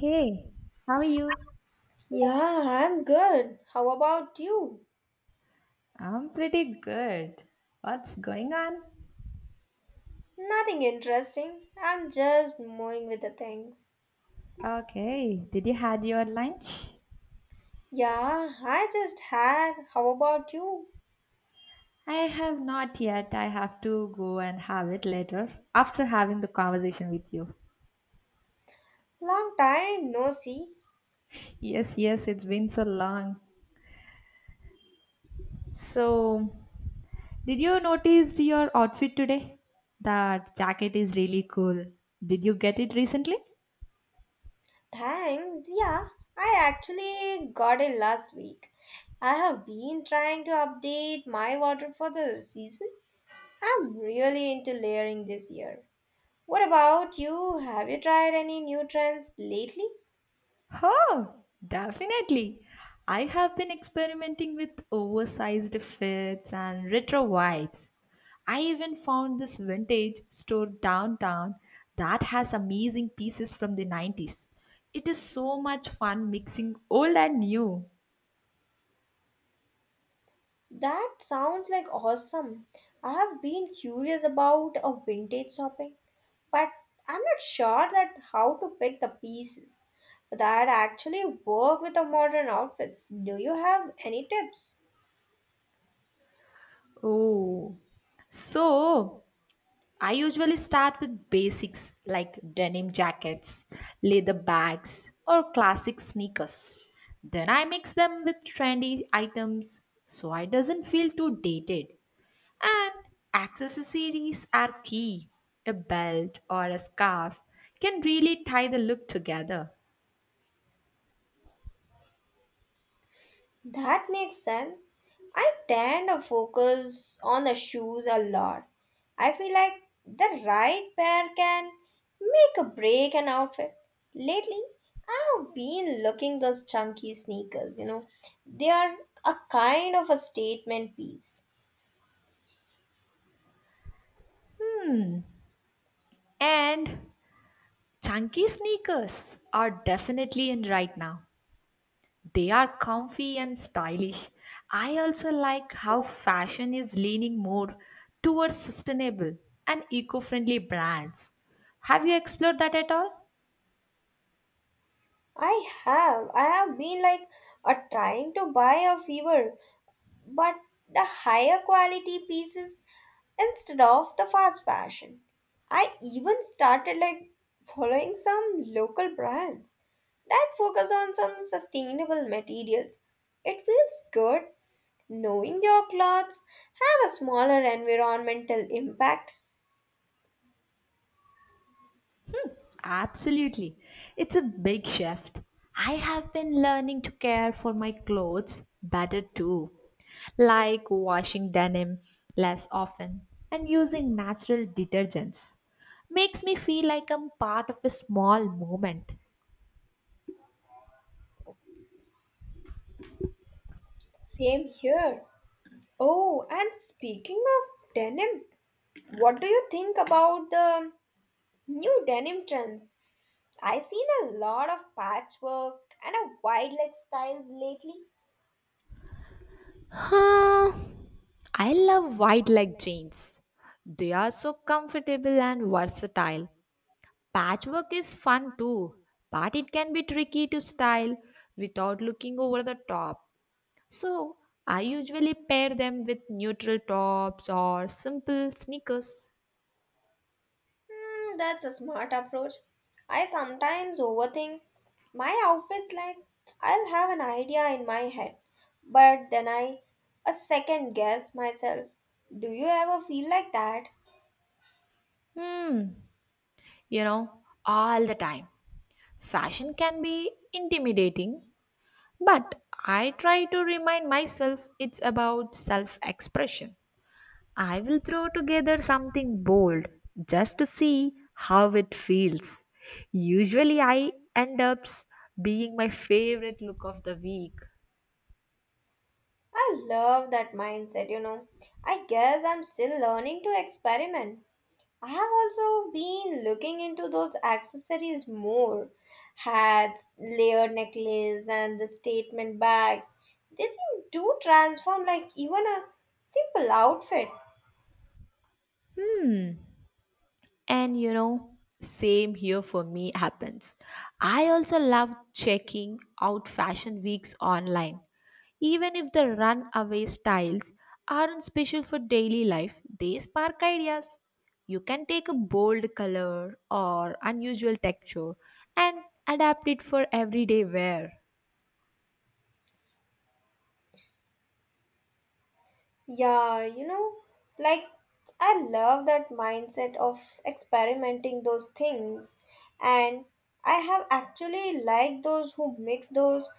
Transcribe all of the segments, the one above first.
Hey, how are you? Yeah, I'm good. How about you? I'm pretty good. What's going on? Nothing interesting. I'm just moving with the things. Okay, did you had your lunch? Yeah, I just had. How about you? I have not yet. I have to go and have it later after having the conversation with you. Long time no see. Yes, yes, it's been so long. So, did you notice your outfit today? That jacket is really cool. Did you get it recently? Thanks. Yeah, I actually got it last week. I have been trying to update my water for the season. I'm really into layering this year. What about you? Have you tried any new trends lately? Oh, definitely. I have been experimenting with oversized fits and retro vibes. I even found this vintage store downtown that has amazing pieces from the 90s. It is so much fun mixing old and new. That sounds like awesome. I have been curious about a vintage shopping, but I'm not sure that how to pick the pieces that actually work with the modern outfits. Do you have any tips? Oh, so I usually start with basics like denim jackets, leather bags, or classic sneakers. Then I mix them with trendy items so it doesn't feel too dated. And accessories are key. A belt or a scarf can really tie the look together. That makes sense. I tend to focus on the shoes a lot. I feel like the right pair can make a break an outfit. Lately, I've been looking those chunky sneakers. They are a kind of a statement piece. And chunky sneakers are definitely in right now. They are comfy and stylish. I also like how fashion is leaning more towards sustainable and eco friendly brands. Have you explored that at all? I have been like a trying to buy a fever but the higher quality pieces instead of the fast fashion. I even started like following some local brands that focus on some sustainable materials. It feels good knowing your clothes have a smaller environmental impact. Absolutely. It's a big shift. I have been learning to care for my clothes better too, like washing denim less often and using natural detergents. Makes me feel like I'm part of a small movement. Same here. Oh, and speaking of denim, what do you think about the new denim trends? I've seen a lot of patchwork and a wildlife styles lately. Huh, I love wide leg jeans. They are so comfortable and versatile. Patchwork is fun too, but it can be tricky to style without looking over the top. So, I usually pair them with neutral tops or simple sneakers. That's a smart approach. I sometimes overthink my outfits like I'll have an idea in my head, but then I a second guess myself. Do you ever feel like that? Hmm, you know, all the time. Fashion can be intimidating, but I try to remind myself it's about self expression. I will throw together something bold just to see how it feels. Usually, I end up being my favorite look of the week. I love that mindset. I guess I'm still learning to experiment. I have also been looking into those accessories more. Hats, layered necklace, and the statement bags. They seem to transform like even a simple outfit. And you know, same here for me happens. I also love checking out fashion weeks online. Even if the runaway styles aren't special for daily life, they spark ideas. You can take a bold color or unusual texture and adapt it for everyday wear. Yeah, like I love that mindset of experimenting those things, and I have actually liked those who mix those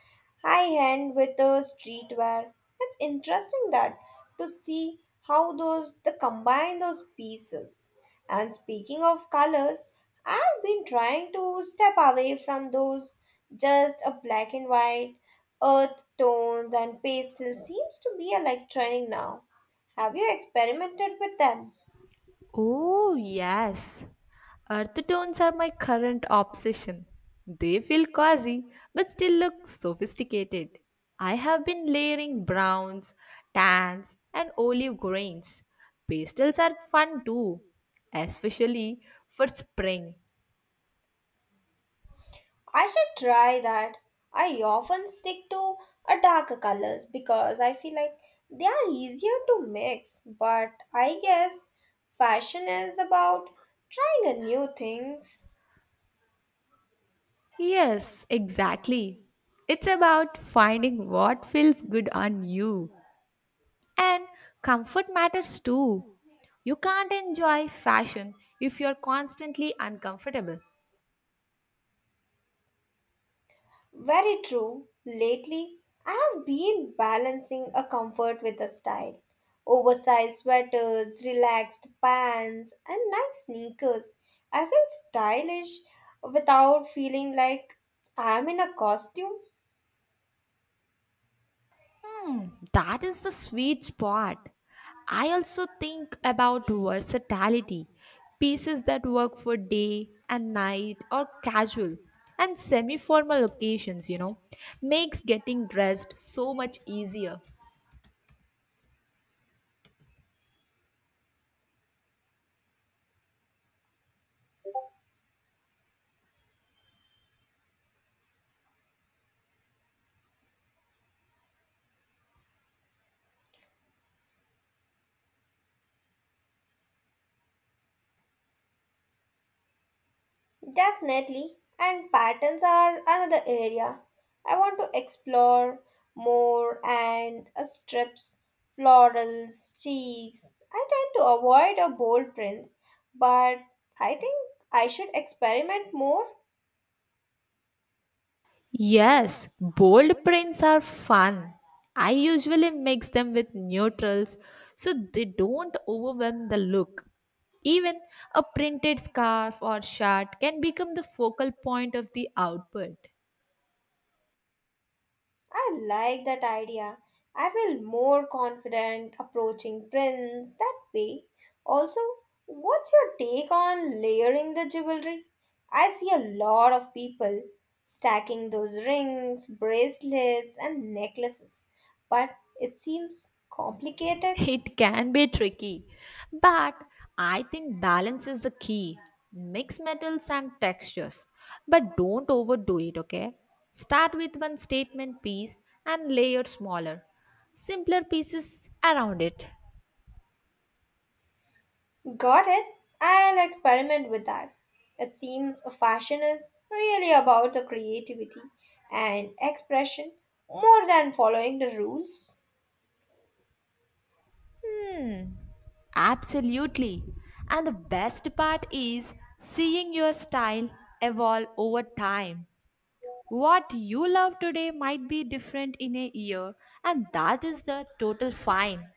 high end with the streetwear. It's interesting that to see how those the combine those pieces. And speaking of colors, I've been trying to step away from those just a black and white Earth tones and pastel seems to be a like trending now. Have you experimented with them? Oh, yes. Earth tones are my current obsession. They feel quasi, but still look sophisticated. I have been layering browns, tans, and olive greens. Pastels are fun too, especially for spring. I should try that. I often stick to a darker colors because I feel like they are easier to mix, but I guess fashion is about trying a new things. Yes, exactly. It's about finding what feels good on you. And comfort matters too. You can't enjoy fashion if you're constantly uncomfortable. Very true. Lately, I have been balancing a comfort with a style. Oversized sweaters, relaxed pants, and nice sneakers. I feel stylish without feeling like I am in a costume. That is the sweet spot. I also think about versatility pieces that work for day and night or casual and semi formal occasions, you know, makes getting dressed so much easier. Definitely. And patterns are another area I want to explore more and strips, florals, cheeks. I tend to avoid a bold prints, but I think I should experiment more. Yes, bold prints are fun. I usually mix them with neutrals so they don't overwhelm the look. Even a printed scarf or shirt can become the focal point of the output. I like that idea. I feel more confident approaching prints that way. Also, what's your take on layering the jewelry? I see a lot of people stacking those rings, bracelets, and necklaces, but it seems complicated. It can be tricky, but I think balance is the key. Mix metals and textures, but don't overdo it, okay? Start with one statement piece and layer smaller, simpler pieces around it. Got it? I'll experiment with that. It seems a fashion is really about the creativity and expression more than following the rules. Hmm, Absolutely. And the best part is seeing your style evolve over time. What you love today might be different in a year, and that is the total fine.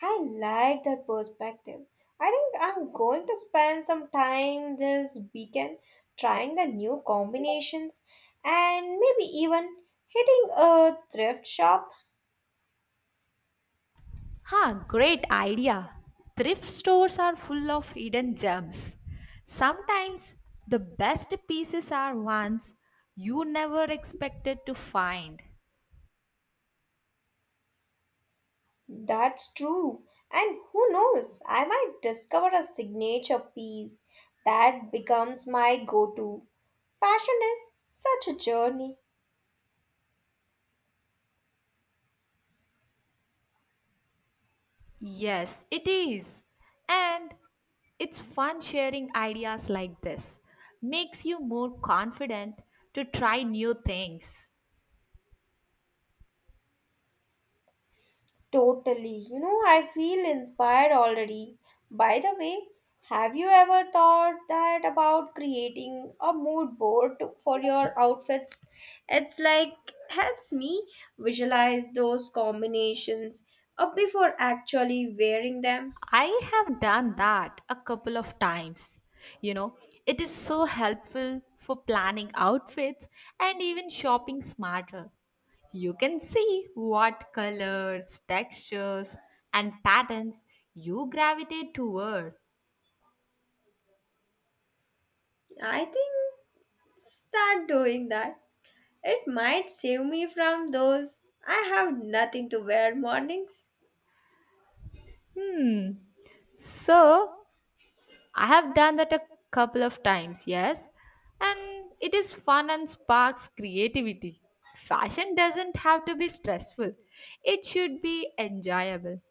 I like that perspective. I think I'm going to spend some time this weekend trying the new combinations and maybe even hitting a thrift shop. Huh, great idea. Thrift stores are full of hidden gems. Sometimes the best pieces are ones you never expected to find. That's true. And who knows, I might discover a signature piece that becomes my go to. Fashion is such a journey. Yes, it is. And it's fun sharing ideas like this. Makes you more confident to try new things. Totally. I feel inspired already. By the way, have you ever thought that about creating a mood board to- for your outfits? It's like helps me visualize those combinations up before actually wearing them. I have done that a couple of times. You know, it is so helpful for planning outfits and even shopping smarter. You can see what colors, textures, and patterns you gravitate toward. I think start doing that. It might save me from those I have nothing to wear mornings. So, I have done that a couple of times, yes, and it is fun and sparks creativity. Fashion doesn't have to be stressful, it should be enjoyable.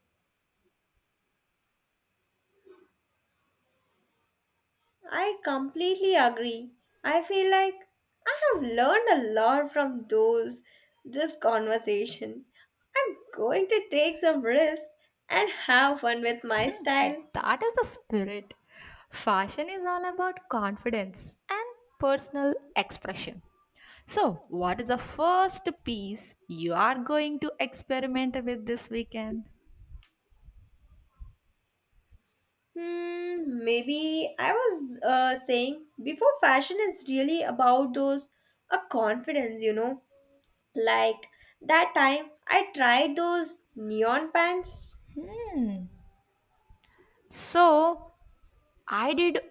I completely agree. I feel like I have learned a lot from those this conversation. I'm going to take some risks and have fun with my style. That is the spirit. Fashion is all about confidence and personal expression. So, what is the first piece you are going to experiment with this weekend? Maybe I was saying before fashion is really about those a confidence. Like that time I tried those neon pants So, I did,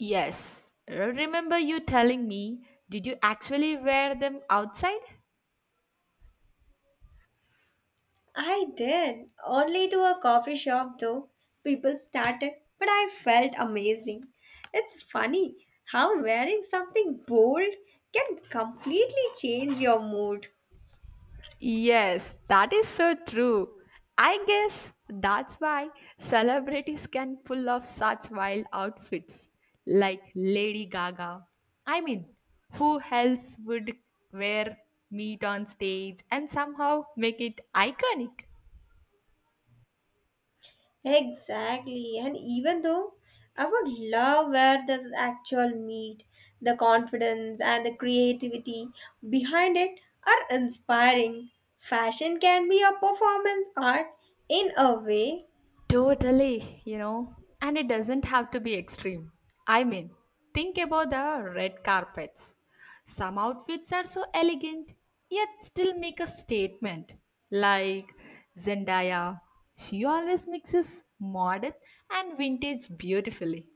yes. Remember you telling me, did you actually wear them outside? I did. Only to a coffee shop though. People started, but I felt amazing. It's funny how wearing something bold can completely change your mood. Yes, that is so true. I guess that's why celebrities can pull off such wild outfits like Lady Gaga. I mean, who else would wear meat on stage and somehow make it iconic? Exactly. And even though I would love where this actual meat, the confidence and the creativity behind it are inspiring. Fashion can be a performance art in a way. Totally, you know, and it doesn't have to be extreme. I mean, think about the red carpets. Some outfits are so elegant, yet still make a statement. Like Zendaya, she always mixes modern and vintage beautifully.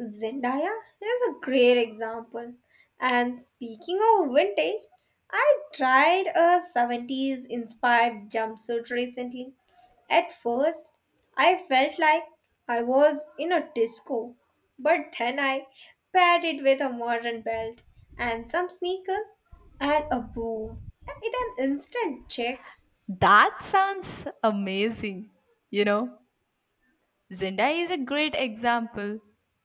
Zendaya is a great example. And speaking of vintage, I tried a 70s inspired jumpsuit recently. At first, I felt like I was in a disco, but then I paired it with a modern belt and some sneakers and a boom. And it an instant check. That sounds amazing. You know, Zendaya is a great example.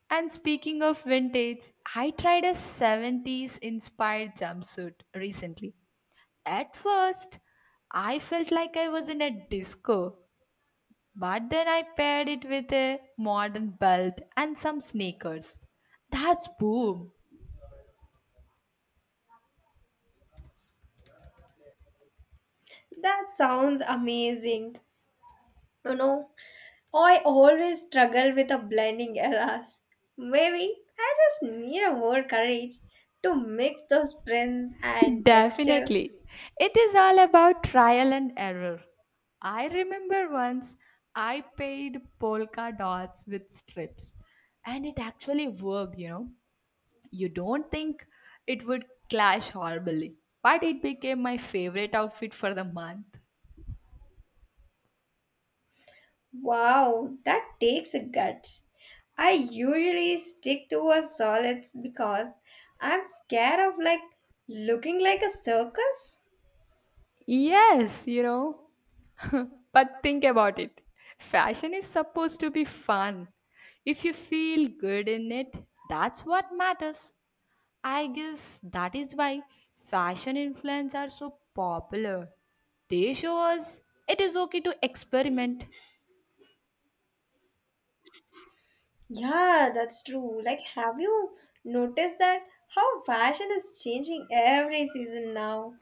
And speaking of vintage, I tried a 70s inspired jumpsuit recently. At first, I felt like I was in a disco, but then I paired it with a modern belt and some sneakers. That's boom. That sounds amazing. You know, Oh, I always struggle with the blending errors. Maybe I just need a more courage to mix those prints and textures. Definitely. It is all about trial and error. I remember once I paid polka dots with strips and it actually worked, you know. You don't think it would clash horribly, but it became my favorite outfit for the month. Wow, that takes a guts. I usually stick to a solids because I'm scared of like looking like a circus. Yes, you know, but think about it fashion is supposed to be fun. If you feel good in it, that's what matters. I guess that is why fashion influencers are so popular. They show us it is okay to experiment. Yeah, that's true. Like, have you noticed that how fashion is changing every season now?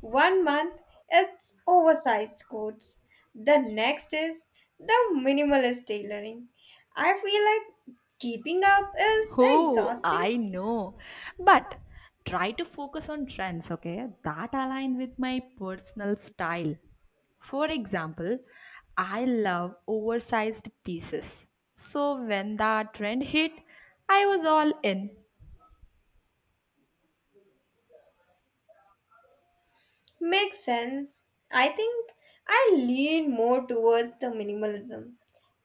One month, it's oversized coats. The next is the minimalist tailoring. I feel like keeping up is Oh, exhausting. I know. But try to focus on trends, okay, that align with my personal style. For example, I love oversized pieces. So when the trend hit, I was all in. Makes sense. I think I lean more towards the minimalism.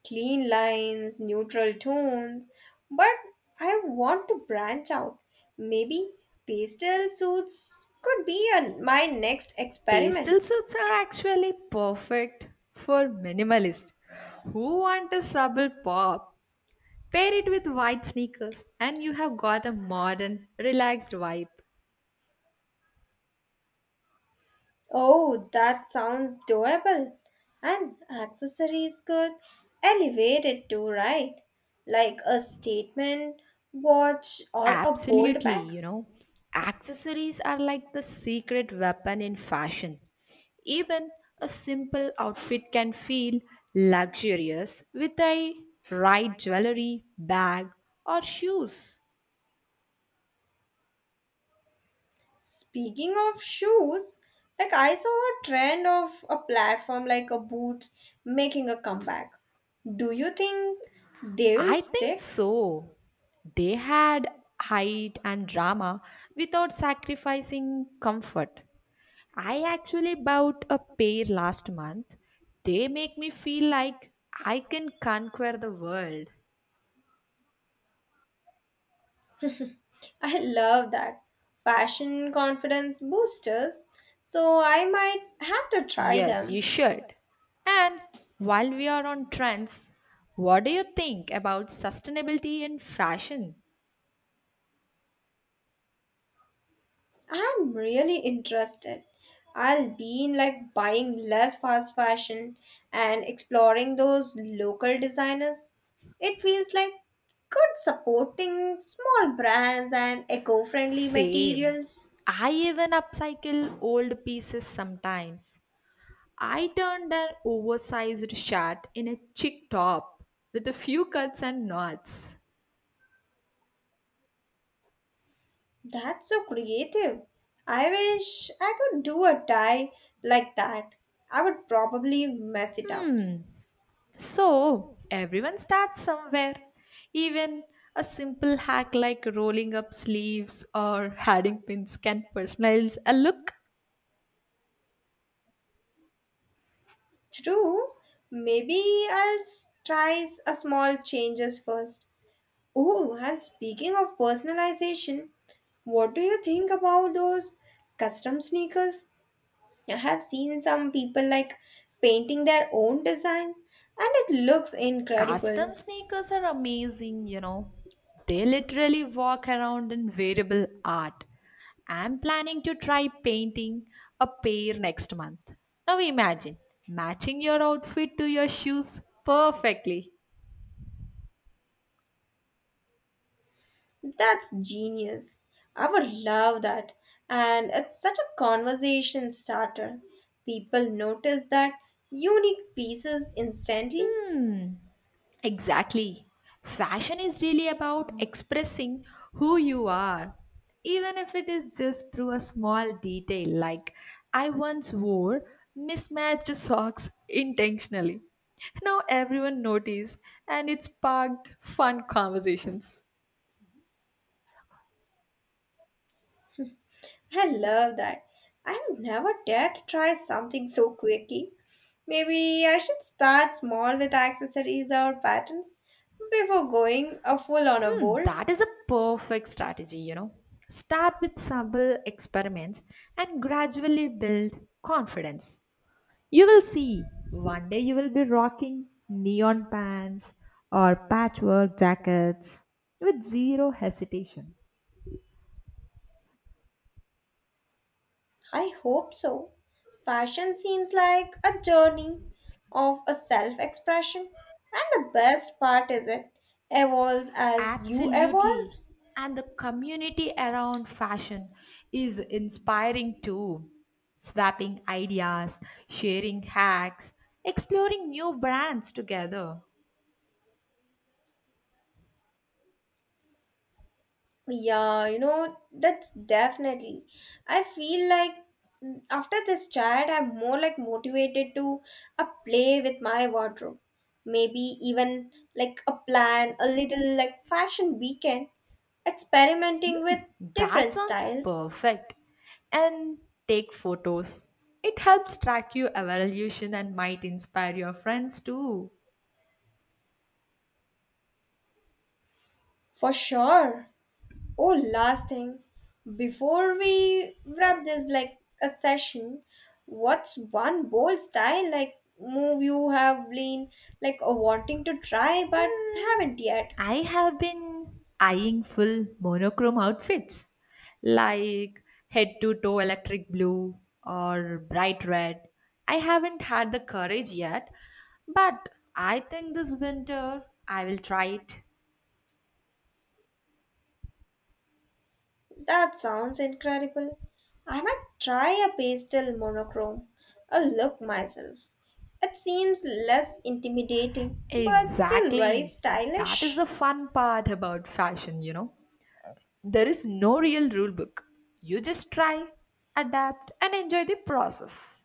Clean lines, neutral tones, but I want to branch out. Maybe pastel suits could be a, my next experiment. Pastel suits are actually perfect for minimalists who want a subtle pop. Pair it with white sneakers, and you have got a modern, relaxed vibe. Oh, that sounds doable. And accessories could elevate it too, right? Like a statement watch or a bold Absolutely, bag. you know, accessories are like the secret weapon in fashion. Even a simple outfit can feel luxurious with a right jewelry, bag, or shoes. Speaking of shoes, like I saw a trend of a platform like a boot making a comeback. Do you think they will I think stick? so. They had height and drama without sacrificing comfort. I actually bought a pair last month. They make me feel like I can conquer the world. I love that. Fashion confidence boosters. So I might have to try Yes, you them. should. And while we are on trends, what do you think about sustainability in fashion? I'm really interested. I'll be in like buying less fast fashion and exploring those local designers. It feels like good supporting small brands and eco-friendly Same. materials. I even upcycle old pieces sometimes. I turned an oversized shirt in a chic top with a few cuts and knots. That's so creative. I wish I could do a tie like that. I would probably mess it up. So, everyone starts somewhere. Even a simple hack like rolling up sleeves or adding pins can personalize a look. True. Maybe I'll a small changes first. Oh, and speaking of personalization, what do you think about those custom sneakers? I have seen some people like painting their own designs and it looks Custom incredible. sneakers are amazing, you know. They literally walk around in variable art. I'm planning to try painting a pair next month. Now imagine matching your outfit to your shoes perfectly. That's genius. I would love that. And it's such a conversation starter. People notice that unique pieces instantly. Exactly. Fashion is really about expressing who you are, even if it is just through a small detail. Like, I once wore mismatched socks intentionally. Now everyone noticed, and it sparked fun conversations. I love that. I've never dared to try something so quickly. Maybe I should start small with accessories or patterns before going a full on a bold. That is a perfect strategy, you know. Start with simple experiments and gradually build confidence. You will see. One day you will be rocking neon pants or patchwork jackets with zero hesitation. I hope so. Fashion seems like a journey of a self expression, and the best part is it evolves as you evolve. Absolutely. And the community around fashion is inspiring too. Swapping ideas, sharing hacks, exploring new brands together. Yeah, that's definitely. I feel like after this chat, I'm more like motivated to a play with my wardrobe. Maybe even like a plan, a little like fashion weekend, experimenting with That different sounds styles. perfect. And take photos. It helps track your evolution and might inspire your friends too. For sure. Oh, last thing, before we wrap this like a session, what's one bold style like move you have been like wanting to try but haven't yet? I have been eyeing full monochrome outfits like head to toe electric blue or bright red. I haven't had the courage yet, but I think this winter I will try it. That sounds incredible. I might try a pastel monochrome. A look myself. It seems less intimidating, but still very Exactly. That is the stylish. fun part about fashion, you know. There is no real rule book. You just try, adapt, and enjoy the process.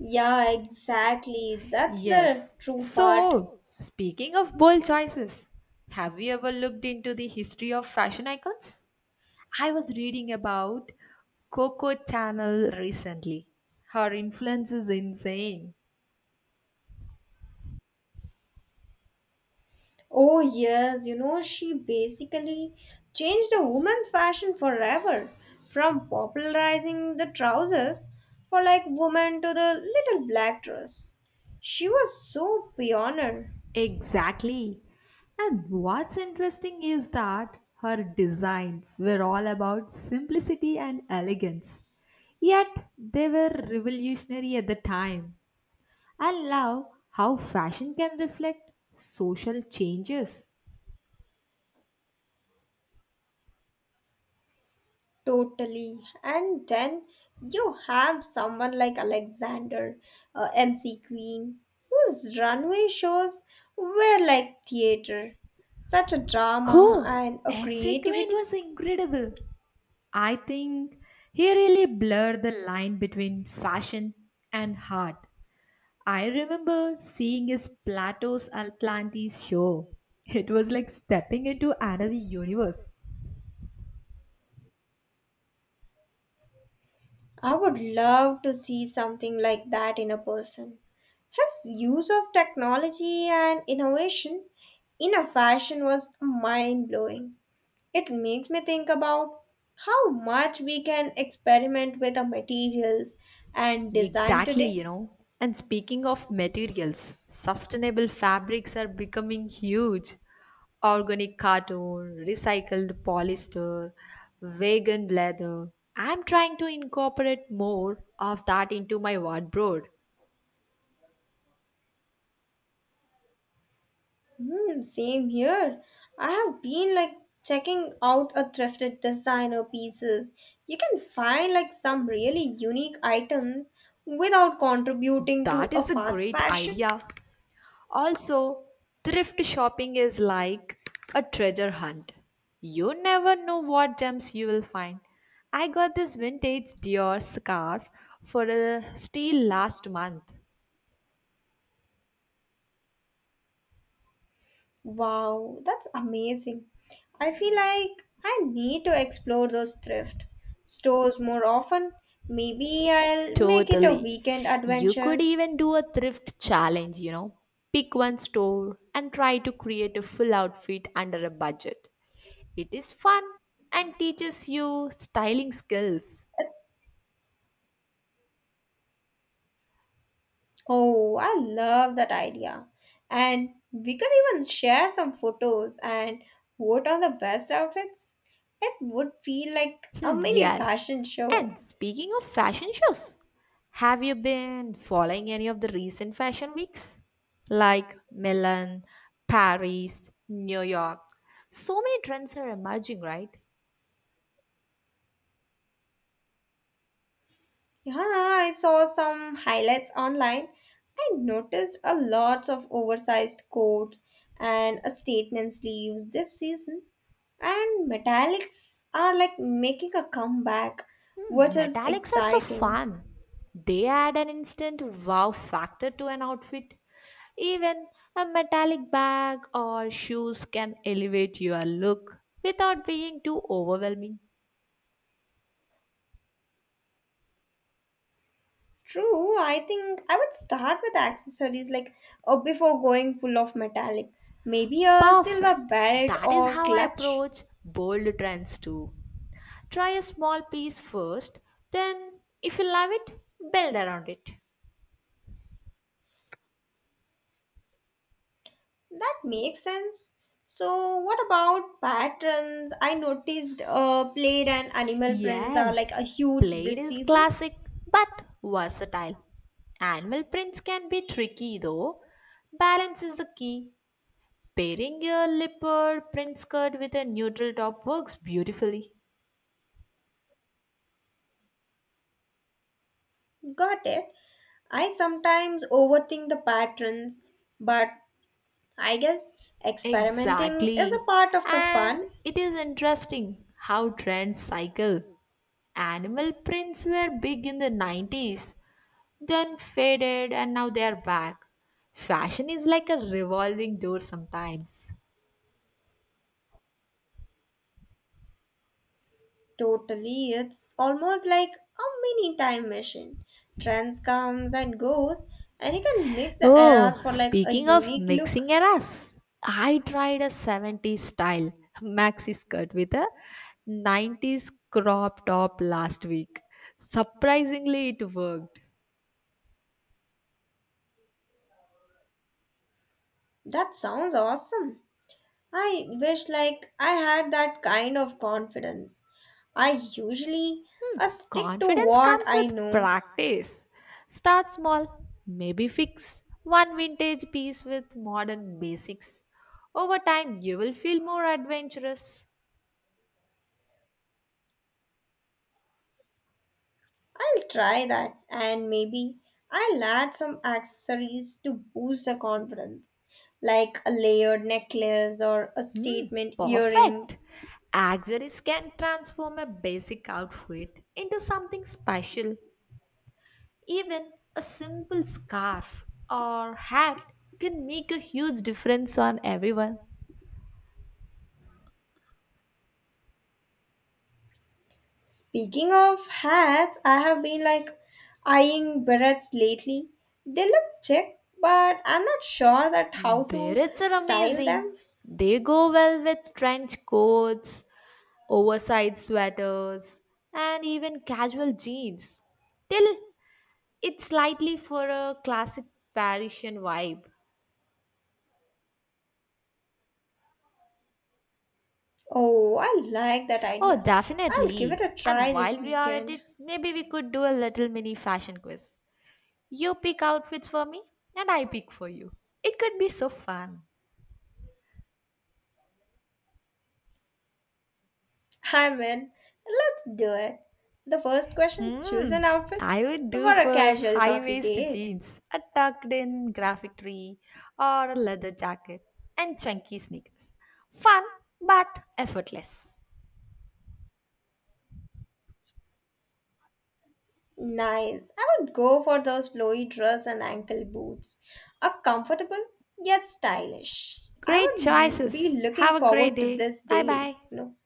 Yeah, exactly. That's the Yes. true part. So, speaking of bold choices, have you ever looked into the history of fashion icons? I was reading about Coco Channel recently. Her influence is insane. Oh, yes, she basically changed the women's fashion forever from popularizing the trousers for like women to the little black dress. She was so pioneer, Exactly. And what's interesting is that her designs were all about simplicity and elegance. Yet they were revolutionary at the time. I love how fashion can reflect social changes. totally. And then you have someone like Alexander, MC Queen, whose runway shows were like theater, such a drama Oh, and a MC Quinn creativity. was incredible. I think he really blurred the line between fashion and heart. I remember seeing his Plato's Atlantis show. It was like stepping into another universe. I would love to see something like that in a person. His use of technology and innovation in a fashion was mind blowing. It makes me think about how much we can experiment with the materials and design Exactly, you today. know. And speaking of materials, sustainable fabrics are becoming huge. Organic cotton, recycled polyester, vegan leather. I'm trying to incorporate more of that into my wardrobe. Same here. I have been like checking out a thrifted designer pieces. You can find like some really unique items without contributing to That a is a fast great fashion. idea. Also, thrift shopping is like a treasure hunt. You never know what gems you will find. I got this vintage Dior scarf for a steal last month. Wow, that's amazing. I feel like I need to explore those thrift stores more often. Maybe I'll make it a Totally. weekend You could adventure. even do a thrift challenge, you know. Pick one store and try to create a full outfit under a budget. It is fun and teaches you styling skills. Oh, I love that idea. And we could even share some photos and vote on the best outfits. It would feel like a Hmm, mini yes. fashion show. And speaking of fashion shows, have you been following any of the recent fashion weeks? Like Milan, Paris, New York. So many trends are emerging, right? Yeah, I saw some highlights online. I noticed a lot of oversized coats and a statement sleeves this season, and metallics are like making a comeback, which is Metallics are so exciting. fun. They add an instant wow factor to an outfit. Even a metallic bag or shoes can elevate your look without being too overwhelming. True, I think I would start with accessories like before going full of metallic, maybe a silver Perfect. belt That is or how I clutch. approach bold trends too. Try a small piece first, then, if you love it, build around it. That makes sense. So, what about patterns? I noticed plaid and animal prints are like Yes, a huge plaid this is season. classic but versatile. Animal prints can be tricky though. Balance is the key. Pairing a leopard print skirt with a neutral top works beautifully. Got it. I sometimes overthink the patterns, but I guess experimenting is Exactly. a part of the And fun. it is interesting how trends cycle. Animal prints were big in the 90s, then faded, and now they are back. Fashion is like a revolving door sometimes. Totally, it's almost like a mini time machine. Trends comes and goes, and you can mix the Oh, eras for like a speaking of unique look. mixing eras, I tried a 70s style maxi skirt with a 90s crop top last week. Surprisingly, it worked. That sounds awesome. I wish like I had that kind of confidence. I usually I stick to Confidence what comes I with know. practice. Start small, maybe fix one vintage piece with modern basics. Over time, you will feel more adventurous. I'll try that and maybe I'll add some accessories to boost the confidence, like a layered necklace or a statement Perfect! earrings. Accessories can transform a basic outfit into something special. Even a simple scarf or hat can make a huge difference on everyone. Speaking of hats, I have been like eyeing berets lately. They look chic, but I'm not sure that how to Berets are style them. amazing. They go well with trench coats, oversized sweaters, and even casual jeans. Till it's slightly for a classic Parisian vibe. Oh, I like that Oh, idea. I'll give it definitely. a And try this while we are at weekend. it, maybe we could do a little mini fashion quiz. You pick outfits for me, and I pick for you. It could be so fun. I'm in. Let's do it. The first question choose Hmm. an outfit I would for do a for casual high coffee waist date. jeans, a tucked in graphic tee, or a leather jacket, and chunky sneakers. Fun, but effortless. Nice. I would go for those flowy dress and ankle boots. Are comfortable yet stylish. I Great would be choices. looking Have a great forward to day. this Bye day. bye. No.